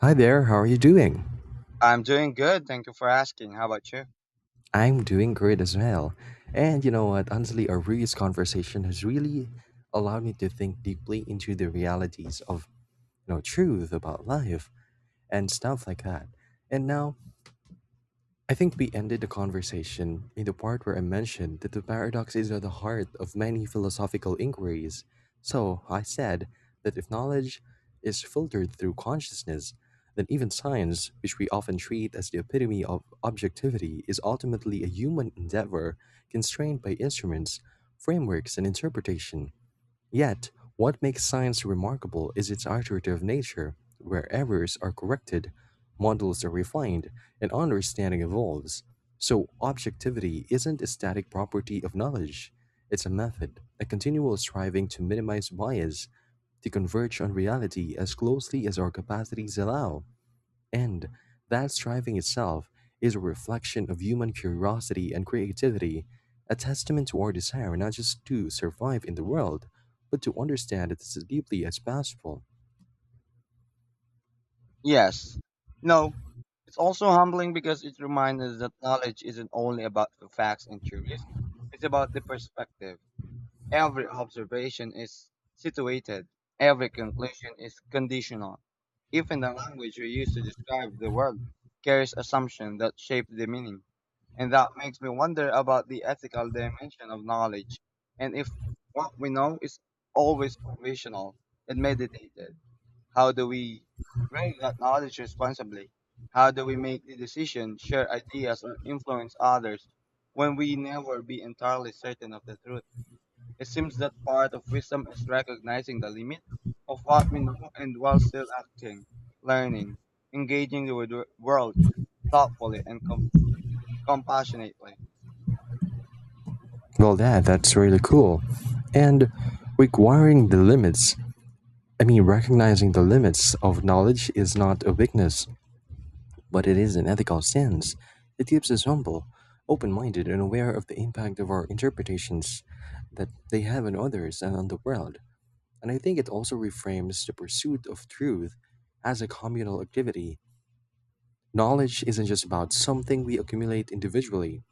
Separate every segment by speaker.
Speaker 1: Hi there, how are you doing?
Speaker 2: I'm doing good. Thank you for asking. How about you?
Speaker 1: I'm doing great as well. And you know what, honestly, our previous conversation has really allowed me to think deeply into the realities of, you know, truth about life and stuff like that. And now I think we ended the conversation in the part where I mentioned that the paradox is at the heart of many philosophical inquiries. So I said that if knowledge is filtered through consciousness, then even science, which we often treat as the epitome of objectivity, is ultimately a human endeavor constrained by instruments, frameworks, and interpretation. Yet, what makes science remarkable is its iterative nature, where errors are corrected, models are refined, and understanding evolves. So, objectivity isn't a static property of knowledge, it's a method, a continual striving to minimize bias, to converge on reality as closely as our capacities allow. And that striving itself is a reflection of human curiosity and creativity, a testament to our desire not just to survive in the world, but to understand it as deeply as possible.
Speaker 2: Yes. No. It's also humbling because it reminds us that knowledge isn't only about the facts and theories. It's about the perspective. Every observation is situated, every conclusion is conditional. Even the language we use to describe the world carries assumptions that shape the meaning. And that makes me wonder about the ethical dimension of knowledge, and if what we know is always conditional and meditated. How do we bring that knowledge responsibly? How do we make the decision, share ideas, or influence others when we never be entirely certain of the truth? It seems that part of wisdom is recognizing the limit of what we know and while still acting, learning, engaging with the world thoughtfully and compassionately.
Speaker 1: Well, that's really cool. And requiring the limits, I mean, recognizing the limits of knowledge is not a weakness, but it is an ethical sense. It keeps us humble, open minded, and aware of the impact of our interpretations that they have on others and on the world. And I think it also reframes the pursuit of truth as a communal activity. Knowledge isn't just about something we accumulate individually,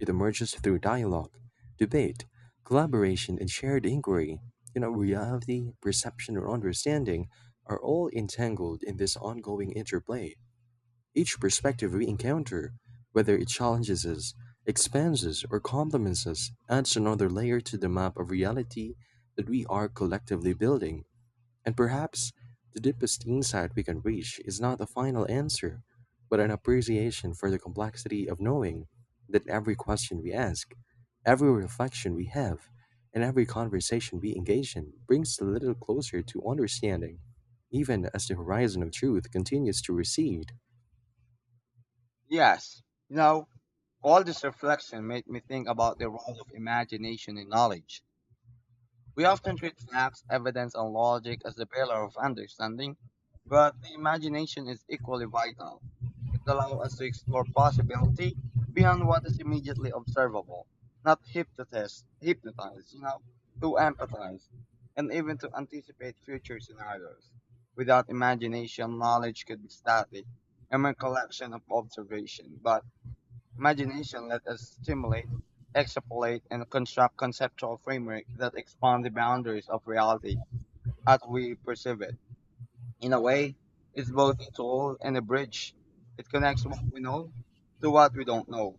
Speaker 1: it emerges through dialogue, debate, collaboration, and shared inquiry. You know, reality, perception, or understanding are all entangled in this ongoing interplay. Each perspective we encounter, whether it challenges us, expands us, or complements us, adds another layer to the map of reality that we are collectively building. And perhaps the deepest insight we can reach is not a final answer, but an appreciation for the complexity of knowing that every question we ask, every reflection we have, and every conversation we engage in brings a little closer to understanding, even as the horizon of truth continues to recede.
Speaker 2: Yes, you know, all this reflection made me think about the role of imagination in knowledge. We often treat facts, evidence, and logic as the pillar of understanding, but the imagination is equally vital. It allows us to explore possibility beyond what is immediately observable, not to empathize, and even to anticipate future scenarios. Without imagination, knowledge could be static, a mere collection of observation, but imagination lets us stimulate, extrapolate, and construct conceptual frameworks that expand the boundaries of reality as we perceive it. In a way, it's both a tool and a bridge. It connects what we know to what we don't know,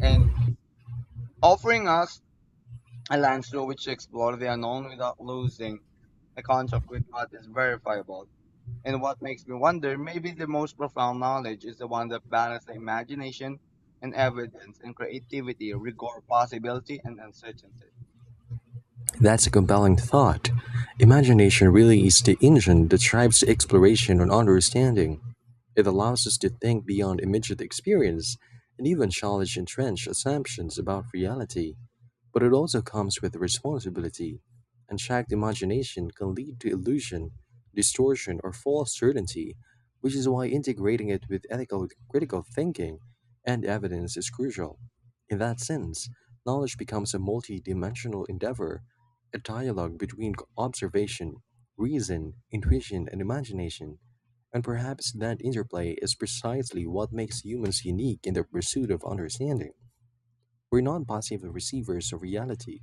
Speaker 2: and offering us a lens through which to explore the unknown without losing the contact with what is verifiable. And what makes me wonder, maybe the most profound knowledge is the one that balances imagination and evidence and creativity, rigor, possibility, and uncertainty.
Speaker 1: That's a compelling thought. Imagination really is the engine that drives exploration and understanding. It allows us to think beyond immediate experience and even challenge entrenched assumptions about reality. But it also comes with responsibility. Unchecked imagination can lead to illusion, distortion, or false certainty, which is why integrating it with ethical critical thinking and evidence is crucial. In that sense, knowledge becomes a multi-dimensional endeavor, a dialogue between observation, reason, intuition, and imagination. And perhaps that interplay is precisely what makes humans unique in their pursuit of understanding. We're not passive receivers of reality,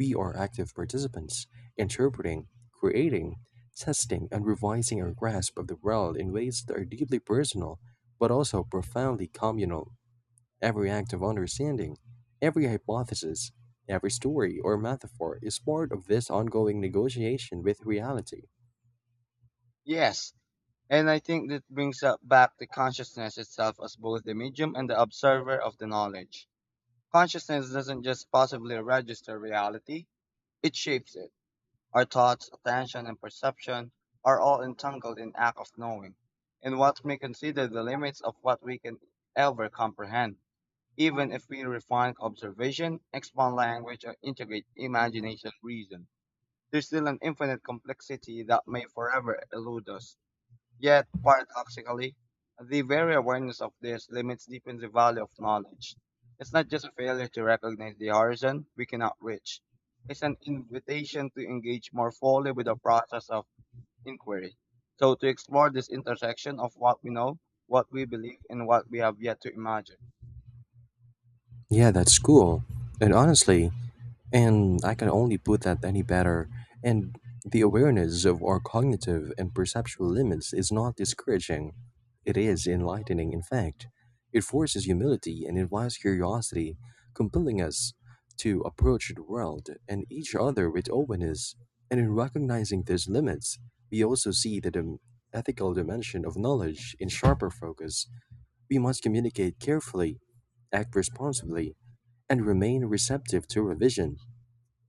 Speaker 1: we are active participants, interpreting, creating, testing, and revising our grasp of the world in ways that are deeply personal, but also profoundly communal. Every act of understanding, every hypothesis, every story or metaphor is part of this ongoing negotiation with reality.
Speaker 2: Yes, and I think that brings up back the consciousness itself as both the medium and the observer of the knowledge. Consciousness doesn't just possibly register reality, it shapes it. Our thoughts, attention, and perception are all entangled in act of knowing, and what may consider the limits of what we can ever comprehend. Even if we refine observation, expand language, or integrate imagination reason. There's still an infinite complexity that may forever elude us. Yet, paradoxically, the very awareness of this limits deepens the value of knowledge. It's not just a failure to recognize the horizon we cannot reach. It's an invitation to engage more fully with the process of inquiry. So to explore this intersection of what we know, what we believe, and what we have yet to imagine.
Speaker 1: Yeah, that's cool. And honestly, and I can only put that any better. And the awareness of our cognitive and perceptual limits is not discouraging. It is enlightening, in fact. It forces humility and invites curiosity, compelling us to approach the world and each other with openness. And in recognizing these limits, we also see the ethical dimension of knowledge in sharper focus. We must communicate carefully, act responsibly, and remain receptive to revision.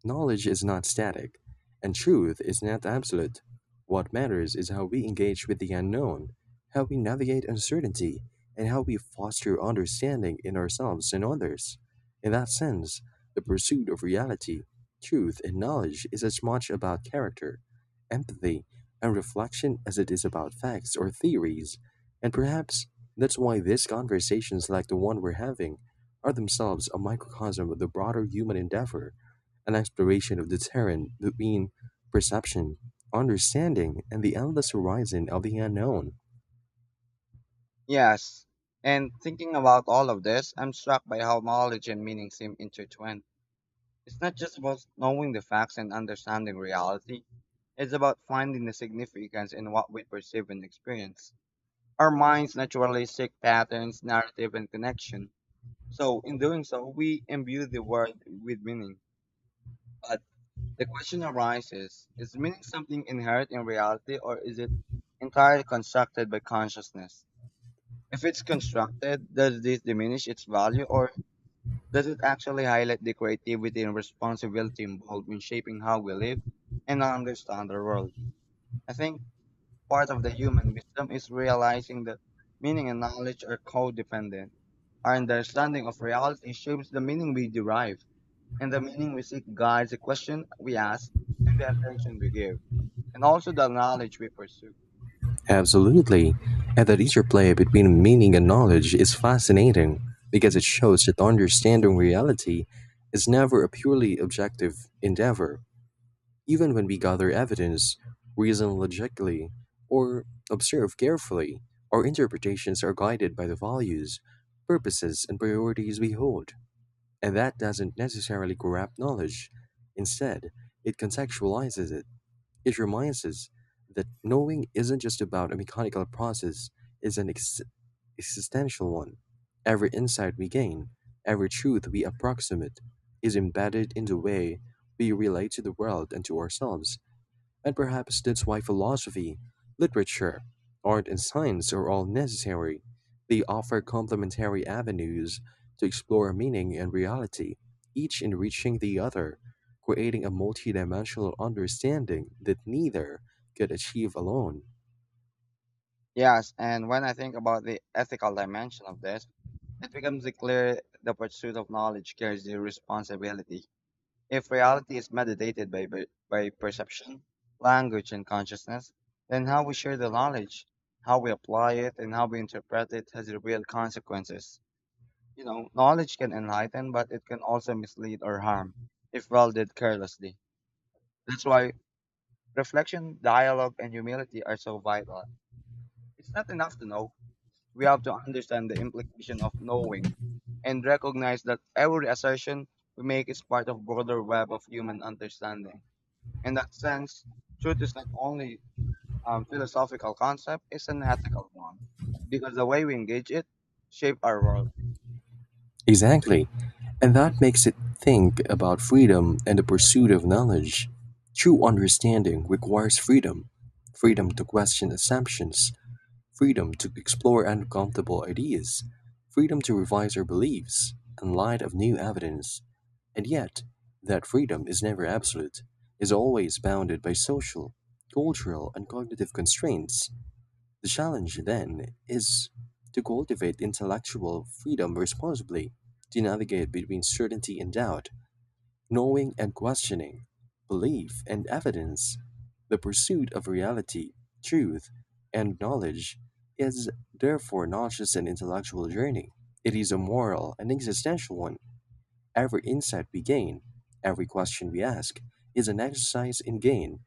Speaker 1: Knowledge is not static, and truth is not absolute. What matters is how we engage with the unknown, how we navigate uncertainty, and how we foster understanding in ourselves and others. In that sense, the pursuit of reality, truth, and knowledge is as much about character, empathy, and reflection as it is about facts or theories. And perhaps that's why these conversations, like the one we're having, are themselves a microcosm of the broader human endeavor, an exploration of the terrain between perception, understanding, and the endless horizon of the unknown.
Speaker 2: Yes. And thinking about all of this, I'm struck by how knowledge and meaning seem intertwined. It's not just about knowing the facts and understanding reality, it's about finding the significance in what we perceive and experience. Our minds naturally seek patterns, narrative, and connection. So, in doing so, we imbue the world with meaning. But the question arises, is meaning something inherent in reality, or is it entirely constructed by consciousness? If it's constructed, does this diminish its value or does it actually highlight the creativity and responsibility involved in shaping how we live and understand our world? I think part of the human wisdom is realizing that meaning and knowledge are codependent. Our understanding of reality shapes the meaning we derive, and the meaning we seek guides the question we ask and the attention we give, and also the knowledge we pursue.
Speaker 1: Absolutely. And that interplay between meaning and knowledge is fascinating because it shows that understanding reality is never a purely objective endeavor. Even when we gather evidence, reason logically, or observe carefully, our interpretations are guided by the values, purposes, and priorities we hold. And that doesn't necessarily grab knowledge. Instead, it contextualizes it. It reminds us that knowing isn't just about a mechanical process, it's an existential one. Every insight we gain, every truth we approximate, is embedded in the way we relate to the world and to ourselves. And perhaps that's why philosophy, literature, art, and science are all necessary. They offer complementary avenues to explore meaning and reality, each enriching the other, creating a multidimensional understanding that neither could achieve alone.
Speaker 2: Yes, and when I think about the ethical dimension of this, it becomes clear the pursuit of knowledge carries a responsibility. If reality is mediated by perception, language, and consciousness, then how we share the knowledge, how we apply it, and how we interpret it has real consequences. You know, knowledge can enlighten, but it can also mislead or harm if wielded carelessly. That's why reflection, dialogue, and humility are so vital. It's not enough to know. We have to understand the implication of knowing and recognize that every assertion we make is part of broader web of human understanding. In that sense, truth is not only a philosophical concept, it's an ethical one because the way we engage it shape our world.
Speaker 1: Exactly. And that makes it think about freedom and the pursuit of knowledge. True understanding requires freedom, freedom to question assumptions, freedom to explore uncomfortable ideas, freedom to revise our beliefs in light of new evidence. And yet, that freedom is never absolute, is always bounded by social, cultural, and cognitive constraints. The challenge, then, is to cultivate intellectual freedom responsibly, to navigate between certainty and doubt, knowing and questioning, belief and evidence. The pursuit of reality, truth, and knowledge is therefore not just an intellectual journey. It is a moral and existential one. Every insight we gain, every question we ask, is an exercise in gain,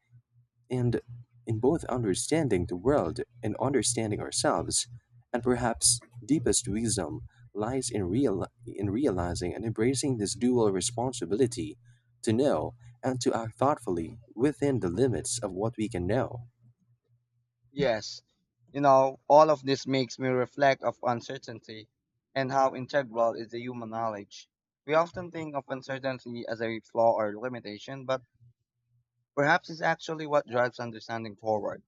Speaker 1: and in both understanding the world and understanding ourselves, and perhaps deepest wisdom lies in realizing and embracing this dual responsibility to know and to act thoughtfully within the limits of what we can know.
Speaker 2: Yes, you know, all of this makes me reflect of uncertainty and how integral is the human knowledge. We often think of uncertainty as a flaw or limitation, but perhaps it's actually what drives understanding forward.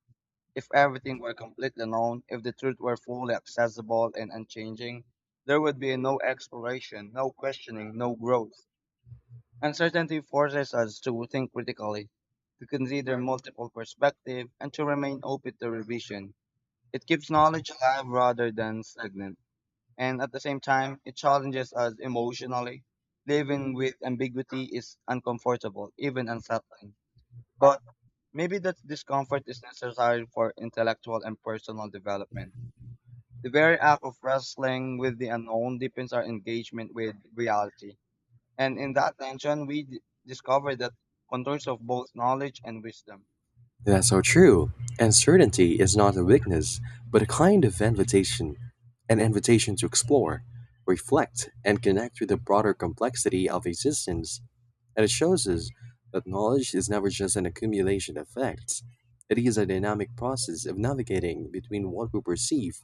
Speaker 2: If everything were completely known, if the truth were fully accessible and unchanging, there would be no exploration, no questioning, no growth. Uncertainty forces us to think critically, to consider multiple perspectives, and to remain open to revision. It keeps knowledge alive rather than stagnant, and at the same time, it challenges us emotionally. Living with ambiguity is uncomfortable, even unsettling, but maybe that discomfort is necessary for intellectual and personal development. The very act of wrestling with the unknown deepens our engagement with reality. And in that tension, we discover that contours of both knowledge and wisdom.
Speaker 1: That's so true. And certainty is not a weakness, but a kind of invitation, an invitation to explore, reflect, and connect with the broader complexity of existence, and it shows us that knowledge is never just an accumulation of facts. It is a dynamic process of navigating between what we perceive,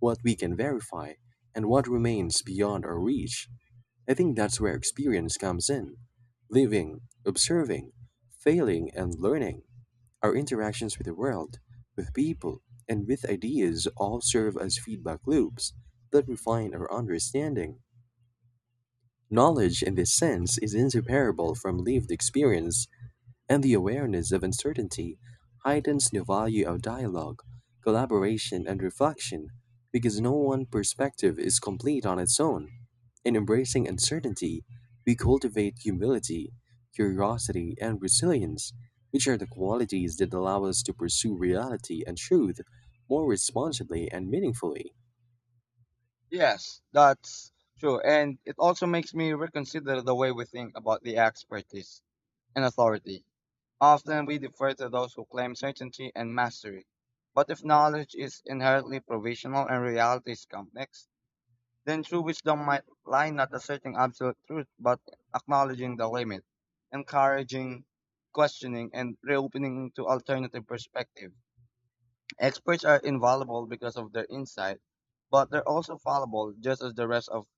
Speaker 1: what we can verify, and what remains beyond our reach. I think that's where experience comes in. Living, observing, failing, and learning. Our interactions with the world, with people, and with ideas all serve as feedback loops that refine our understanding. Knowledge, in this sense, is inseparable from lived experience, and the awareness of uncertainty heightens the value of dialogue, collaboration, and reflection because no one perspective is complete on its own. In embracing uncertainty, we cultivate humility, curiosity, and resilience, which are the qualities that allow us to pursue reality and truth more responsibly and meaningfully.
Speaker 2: Yes, that's true. And it also makes me reconsider the way we think about the expertise and authority. Often we defer to those who claim certainty and mastery. But if knowledge is inherently provisional and reality is complex, then true wisdom might lie not asserting absolute truth, but acknowledging the limit, encouraging questioning, and reopening to alternative perspective. Experts are invaluable because of their insight, but they're also fallible, just as the rest of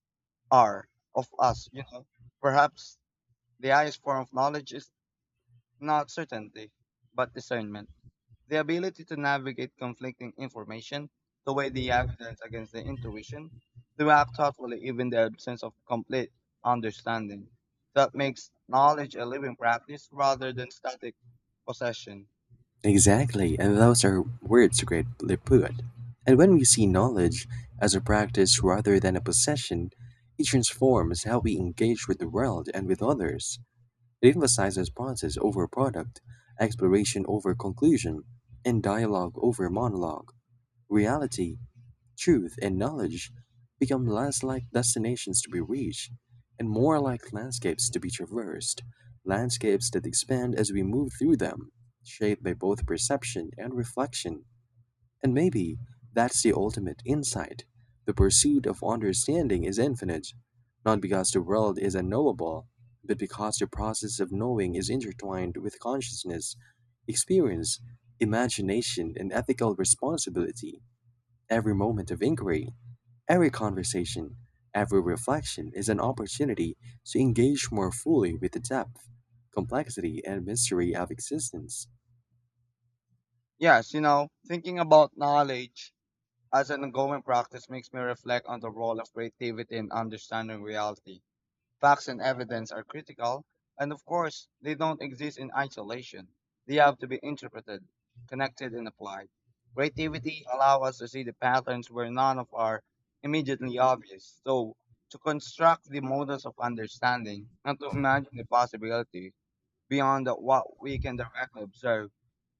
Speaker 2: are of us. You know, perhaps the highest form of knowledge is not certainty, but discernment. The ability to navigate conflicting information, to weigh the evidence against the intuition, to act thoughtfully even the absence of complete understanding. That makes knowledge a living practice rather than static possession.
Speaker 1: Exactly, and those are words greatly put. And when we see knowledge as a practice rather than a possession, it transforms how we engage with the world and with others. It emphasizes process over product, exploration over conclusion, and dialogue over monologue. Reality, truth and knowledge become less like destinations to be reached and more like landscapes to be traversed, landscapes that expand as we move through them, shaped by both perception and reflection. And maybe that's the ultimate insight. The pursuit of understanding is infinite, not because the world is unknowable, but because the process of knowing is intertwined with consciousness, experience, imagination, and ethical responsibility. Every moment of inquiry, every conversation, every reflection is an opportunity to engage more fully with the depth, complexity, and mystery of existence.
Speaker 2: Yes, you know, thinking about knowledge as an ongoing practice makes me reflect on the role of creativity in understanding reality. Facts and evidence are critical, and of course, they don't exist in isolation. They have to be interpreted, connected, and applied. Creativity allows us to see the patterns where none of are immediately obvious, so to construct the models of understanding and to imagine the possibility beyond what we can directly observe.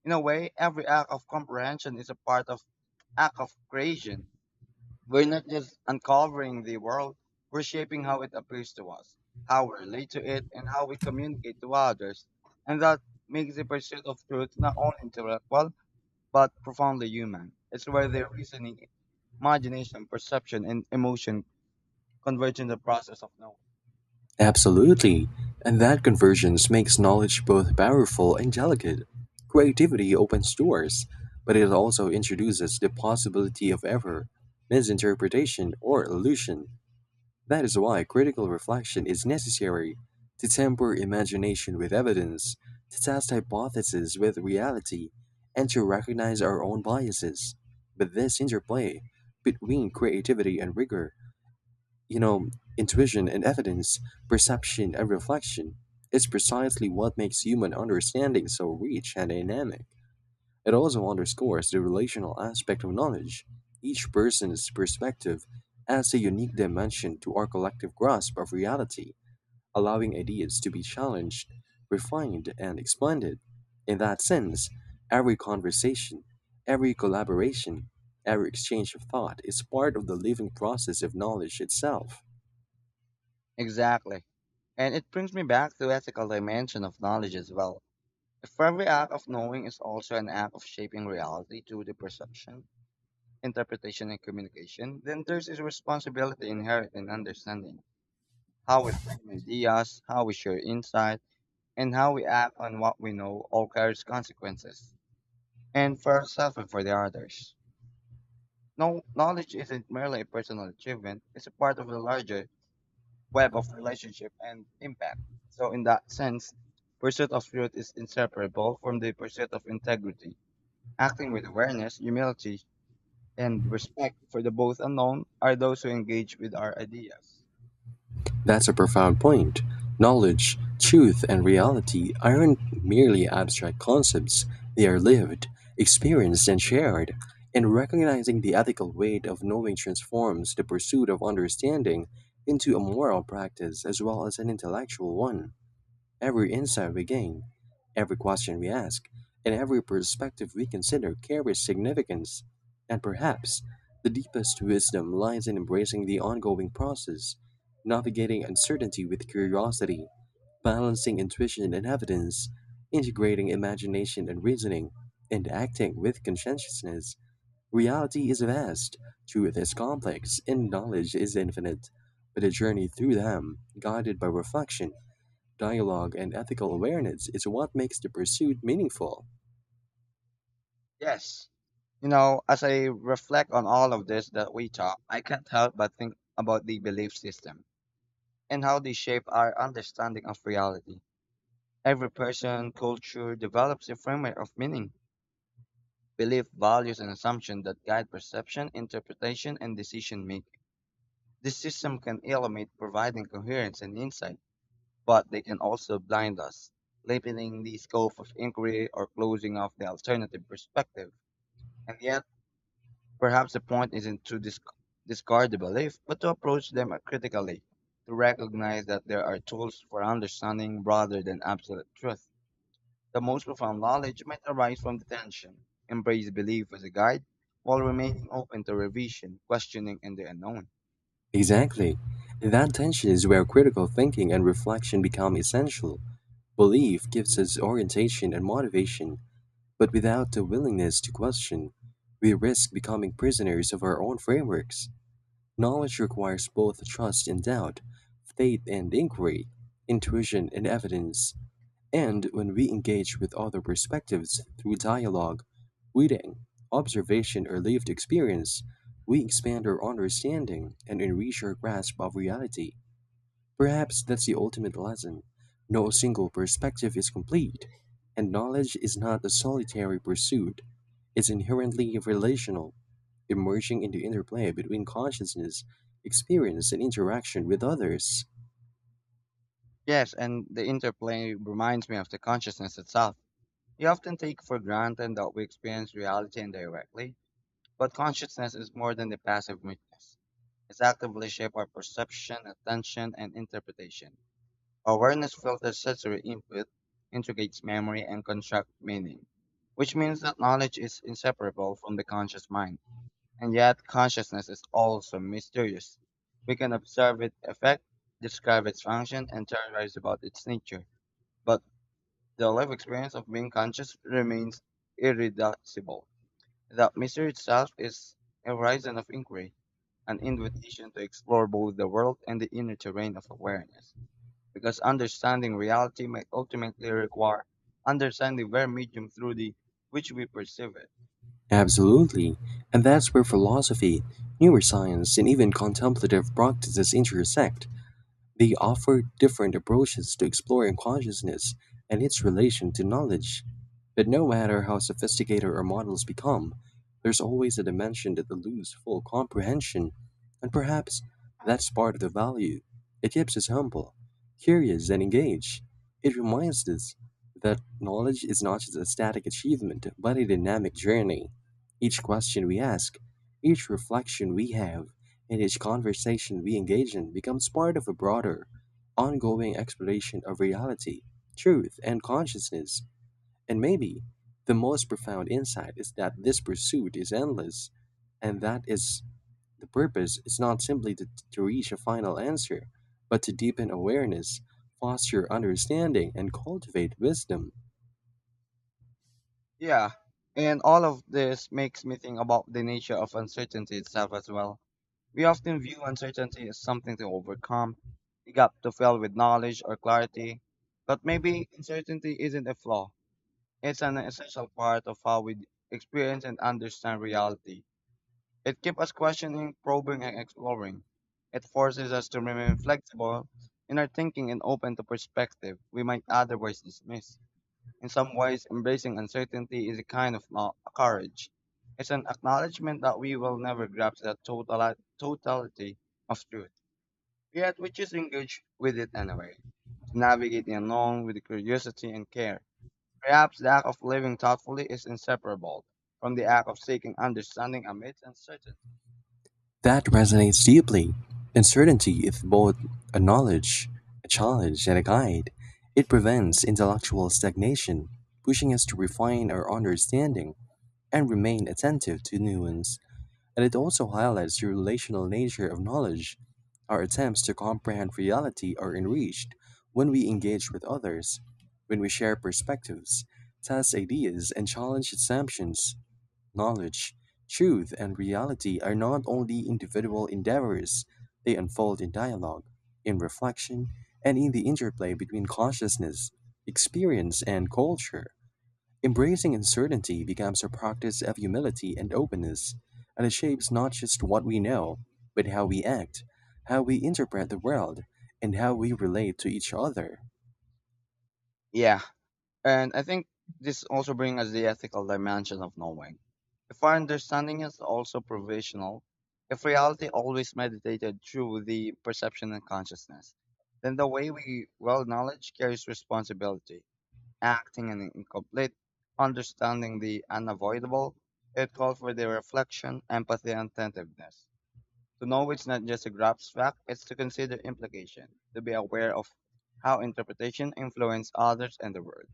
Speaker 2: In a way, every act of comprehension is a part of act of creation. We're not just uncovering the world, we're shaping how it appears to us, how we relate to it, and how we communicate to others. And that makes the pursuit of truth not only intellectual, but profoundly human. It's where the reasoning, imagination, perception, and emotion converge in the process of knowing.
Speaker 1: Absolutely. And that convergence makes knowledge both powerful and delicate. Creativity opens doors, but it also introduces the possibility of error, misinterpretation, or illusion. That is why critical reflection is necessary, to temper imagination with evidence, to test hypotheses with reality, and to recognize our own biases. But this interplay between creativity and rigor, you know, intuition and evidence, perception and reflection, is precisely what makes human understanding so rich and dynamic. It also underscores the relational aspect of knowledge, each person's perspective adds a unique dimension to our collective grasp of reality, allowing ideas to be challenged, refined, and expanded. In that sense, every conversation, every collaboration, every exchange of thought is part of the living process of knowledge itself.
Speaker 2: Exactly. And it brings me back to ethical dimension of knowledge as well. If every act of knowing is also an act of shaping reality to the perception, interpretation, and communication, then there's a responsibility inherent in understanding how we frame ideas, how we share insight, and how we act on what we know all carries consequences, and for ourselves and for the others. No, knowledge isn't merely a personal achievement, it's a part of the larger web of relationship and impact. So in that sense, pursuit of truth is inseparable from the pursuit of integrity. Acting with awareness, humility, and respect for the both unknown are those who engage with our ideas.
Speaker 1: That's a profound point. Knowledge, truth, and reality aren't merely abstract concepts, they are lived, experienced, and shared. And recognizing the ethical weight of knowing transforms the pursuit of understanding into a moral practice as well as an intellectual one. Every insight we gain, every question we ask, and every perspective we consider carries significance. And perhaps the deepest wisdom lies in embracing the ongoing process, navigating uncertainty with curiosity, balancing intuition and evidence, integrating imagination and reasoning, and acting with conscientiousness. Reality is vast, truth is complex, and knowledge is infinite. But a journey through them, guided by reflection, dialogue and ethical awareness is what makes the pursuit meaningful.
Speaker 2: Yes. You know, as I reflect on all of this that we talk, I can't help but think about the belief system and how they shape our understanding of reality. Every person, culture develops a framework of meaning, belief, values, and assumptions that guide perception, interpretation, and decision making. This system can illuminate providing coherence and insight, but they can also blind us, limiting the scope of inquiry or closing off the alternative perspective. And yet, perhaps the point isn't to discard the belief, but to approach them critically, to recognize that there are tools for understanding rather than absolute truth. The most profound knowledge might arise from the tension, embrace belief as a guide, while remaining open to revision, questioning, and the unknown.
Speaker 1: Exactly. That tension is where critical thinking and reflection become essential. Belief gives us orientation and motivation, but without the willingness to question, we risk becoming prisoners of our own frameworks. Knowledge requires both trust and doubt, faith and inquiry, intuition and evidence. And when we engage with other perspectives through dialogue, reading, observation, or lived experience, we expand our understanding and enrich our grasp of reality. Perhaps that's the ultimate lesson. No single perspective is complete, and knowledge is not a solitary pursuit. It's inherently relational, emerging in the interplay between consciousness, experience, and interaction with others.
Speaker 2: Yes, and the interplay reminds me of the consciousness itself. We often take for granted that we experience reality indirectly, but consciousness is more than a passive witness. It's actively shapes our perception, attention, and interpretation. Awareness filters sensory input, integrates memory, and constructs meaning, which means that knowledge is inseparable from the conscious mind. And yet, consciousness is also mysterious. We can observe its effect, describe its function, and theorize about its nature. But the life experience of being conscious remains irreducible. The mystery itself is a horizon of inquiry, an invitation to explore both the world and the inner terrain of awareness, because understanding reality may ultimately require understanding their medium through the which we perceive it.
Speaker 1: Absolutely, and that's where philosophy, neuroscience, and even contemplative practices intersect. They offer different approaches to exploring consciousness and its relation to knowledge. But no matter how sophisticated our models become, there's always a dimension that eludes full comprehension, and perhaps that's part of the value. It keeps us humble, curious, and engaged. It reminds us that knowledge is not just a static achievement, but a dynamic journey. Each question we ask, each reflection we have, and each conversation we engage in becomes part of a broader, ongoing exploration of reality, truth, and consciousness. And maybe the most profound insight is that this pursuit is endless, and that is the purpose is not simply to reach a final answer, but to deepen awareness, foster understanding, and cultivate wisdom.
Speaker 2: Yeah, and all of this makes me think about the nature of uncertainty itself as well. We often view uncertainty as something to overcome, a gap to fill with knowledge or clarity. But maybe uncertainty isn't a flaw. It's an essential part of how we experience and understand reality. It keeps us questioning, probing, and exploring. It forces us to remain flexible in our thinking and open to perspective we might otherwise dismiss. In some ways, embracing uncertainty is a kind of courage. It's an acknowledgement that we will never grasp the totality of truth, yet we just engage with it anyway, to navigate the unknown with curiosity and care. Perhaps the act of living thoughtfully is inseparable from the act of seeking understanding amidst uncertainty.
Speaker 1: That resonates deeply. Uncertainty is both a knowledge, a challenge, and a guide. It prevents intellectual stagnation, pushing us to refine our understanding and remain attentive to nuance. And it also highlights the relational nature of knowledge. Our attempts to comprehend reality are enriched when we engage with others, when we share perspectives, test ideas, and challenge assumptions. Knowledge, truth, and reality are not only individual endeavors, they unfold in dialogue, in reflection, and in the interplay between consciousness, experience, and culture. Embracing uncertainty becomes a practice of humility and openness, and it shapes not just what we know, but how we act, how we interpret the world, and how we relate to each other.
Speaker 2: Yeah, and I think this also brings us the ethical dimension of knowing. If our understanding is also provisional, if reality always meditated through the perception and consciousness, then the way we well knowledge carries responsibility, acting in incomplete, understanding the unavoidable, it calls for the reflection, empathy, and attentiveness. To know it's not just a grasp fact, it's to consider implication, to be aware of how interpretation influences others and the world.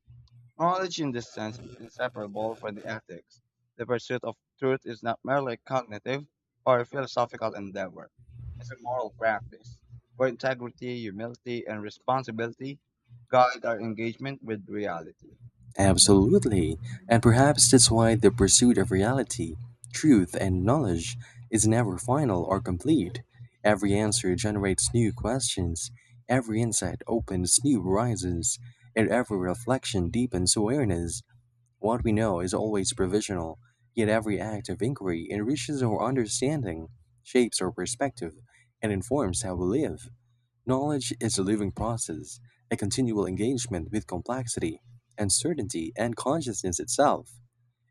Speaker 2: Knowledge in this sense is inseparable from the ethics. The pursuit of truth is not merely a cognitive or a philosophical endeavor. It's a moral practice where integrity, humility, and responsibility guide our engagement with reality.
Speaker 1: Absolutely, and perhaps that's why the pursuit of reality, truth, and knowledge is never final or complete. Every answer generates new questions, every insight opens new horizons, and every reflection deepens awareness. What we know is always provisional, yet every act of inquiry enriches our understanding, shapes our perspective, and informs how we live. Knowledge is a living process, a continual engagement with complexity, uncertainty, and consciousness itself.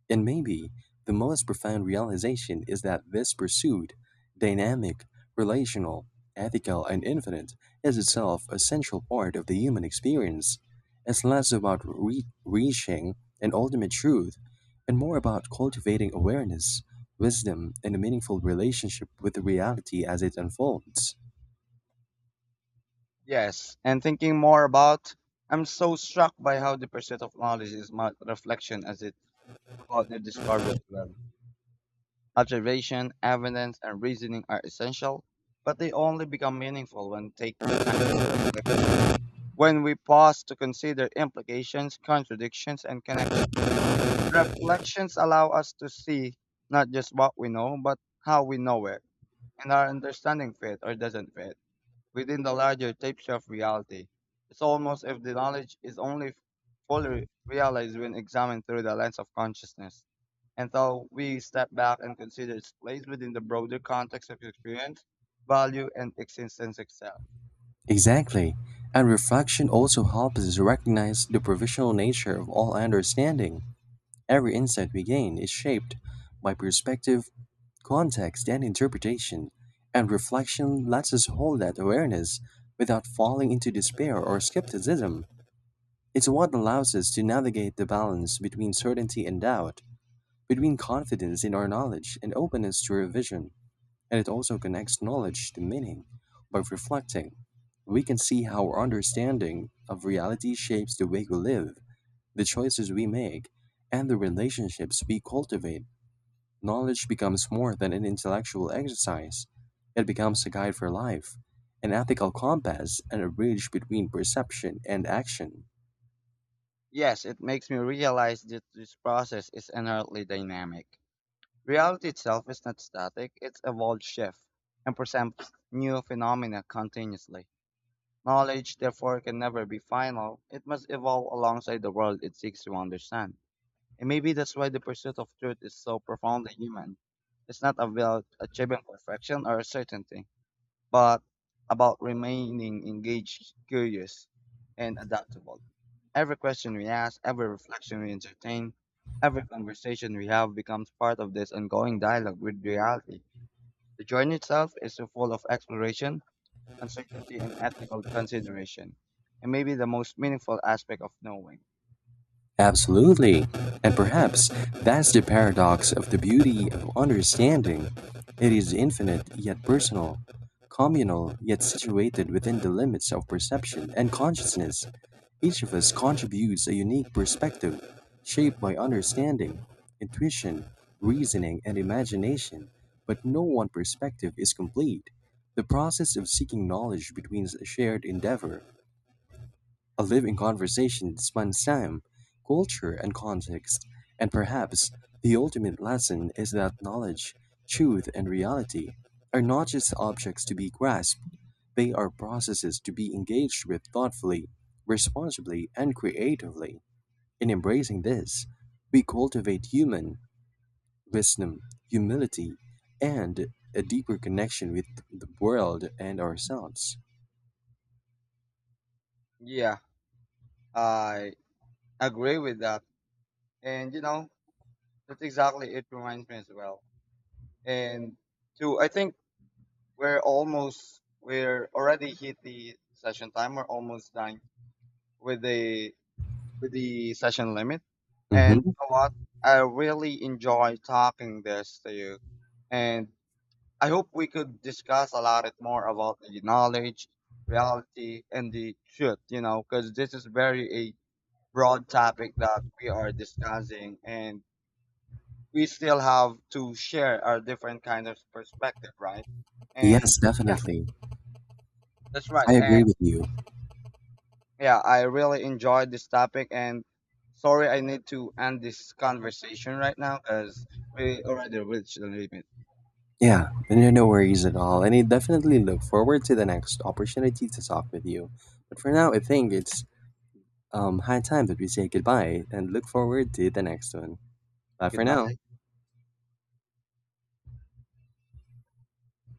Speaker 1: And maybe the most profound realization is that this pursuit, dynamic, relational, ethical, and infinite, is itself a central part of the human experience. It's less about reaching an ultimate truth and more about cultivating awareness, wisdom, and a meaningful relationship with the reality as it unfolds.
Speaker 2: Yes, and thinking more about, I'm so struck by how the pursuit of knowledge is much reflection as it's about the discovery as well. Observation, evidence, and reasoning are essential, but they only become meaningful when take the time to reflect on them. When we pause to consider implications, contradictions, and connections, reflections allow us to see not just what we know, but how we know it, and our understanding fit or doesn't fit within the larger tapestry of reality. It's almost if the knowledge is only fully realized when examined through the lens of consciousness. And so we step back and consider its place within the broader context of experience, value, and existence itself.
Speaker 1: Exactly, and reflection also helps us recognize the provisional nature of all understanding. Every insight we gain is shaped by perspective, context, and interpretation, and reflection lets us hold that awareness without falling into despair or skepticism. It's what allows us to navigate the balance between certainty and doubt, between confidence in our knowledge and openness to revision, and it also connects knowledge to meaning. By reflecting, we can see how our understanding of reality shapes the way we live, the choices we make, and the relationships we cultivate. Knowledge becomes more than an intellectual exercise, it becomes a guide for life, an ethical compass, and a bridge between perception and action.
Speaker 2: Yes, it makes me realize that this process is inherently dynamic. Reality itself is not static, it's evolved shift and presents new phenomena continuously. Knowledge, therefore, can never be final. It must evolve alongside the world it seeks to understand. And maybe that's why the pursuit of truth is so profoundly human. It's not about achieving perfection or certainty, but about remaining engaged, curious, and adaptable. Every question we ask, every reflection we entertain, every conversation we have becomes part of this ongoing dialogue with reality. The journey itself is so full of exploration, uncertainty, and ethical consideration, and maybe the most meaningful aspect of knowing.
Speaker 1: Absolutely. And perhaps that's the paradox of the beauty of understanding. It is infinite yet personal, communal yet situated within the limits of perception and consciousness. Each of us contributes a unique perspective, shaped by understanding, intuition, reasoning, and imagination, but no one perspective is complete. The process of seeking knowledge becomes a shared endeavor, a living conversation spans time, culture, and context, and perhaps the ultimate lesson is that knowledge, truth, and reality are not just objects to be grasped, they are processes to be engaged with thoughtfully, responsibly, and creatively. In embracing this, we cultivate human wisdom, humility, and a deeper connection with the world and ourselves.
Speaker 2: Yeah, I agree with that. And you know, that's exactly it reminds me as well. And two, I think we're already hit the session time. We're almost done with the with the session limit. And you
Speaker 1: Mhm.
Speaker 2: know what? I really enjoy talking this to you. And I hope we could discuss a lot it more about the knowledge, reality, and the truth, you know, because this is very a broad topic that we are discussing and we still have to share our different kind of perspective, right? And
Speaker 1: Yes,
Speaker 2: yeah,
Speaker 1: definitely.
Speaker 2: that's right.
Speaker 1: I agree
Speaker 2: And
Speaker 1: with you.
Speaker 2: yeah, I really enjoyed this topic and sorry I need to end this conversation right now because we already reached the limit.
Speaker 1: Yeah, no, no worries at all. And I definitely look forward to the next opportunity to talk with you. But for now, I think it's high time that we say goodbye and look forward to the next one. Bye for
Speaker 2: Goodbye.
Speaker 1: now.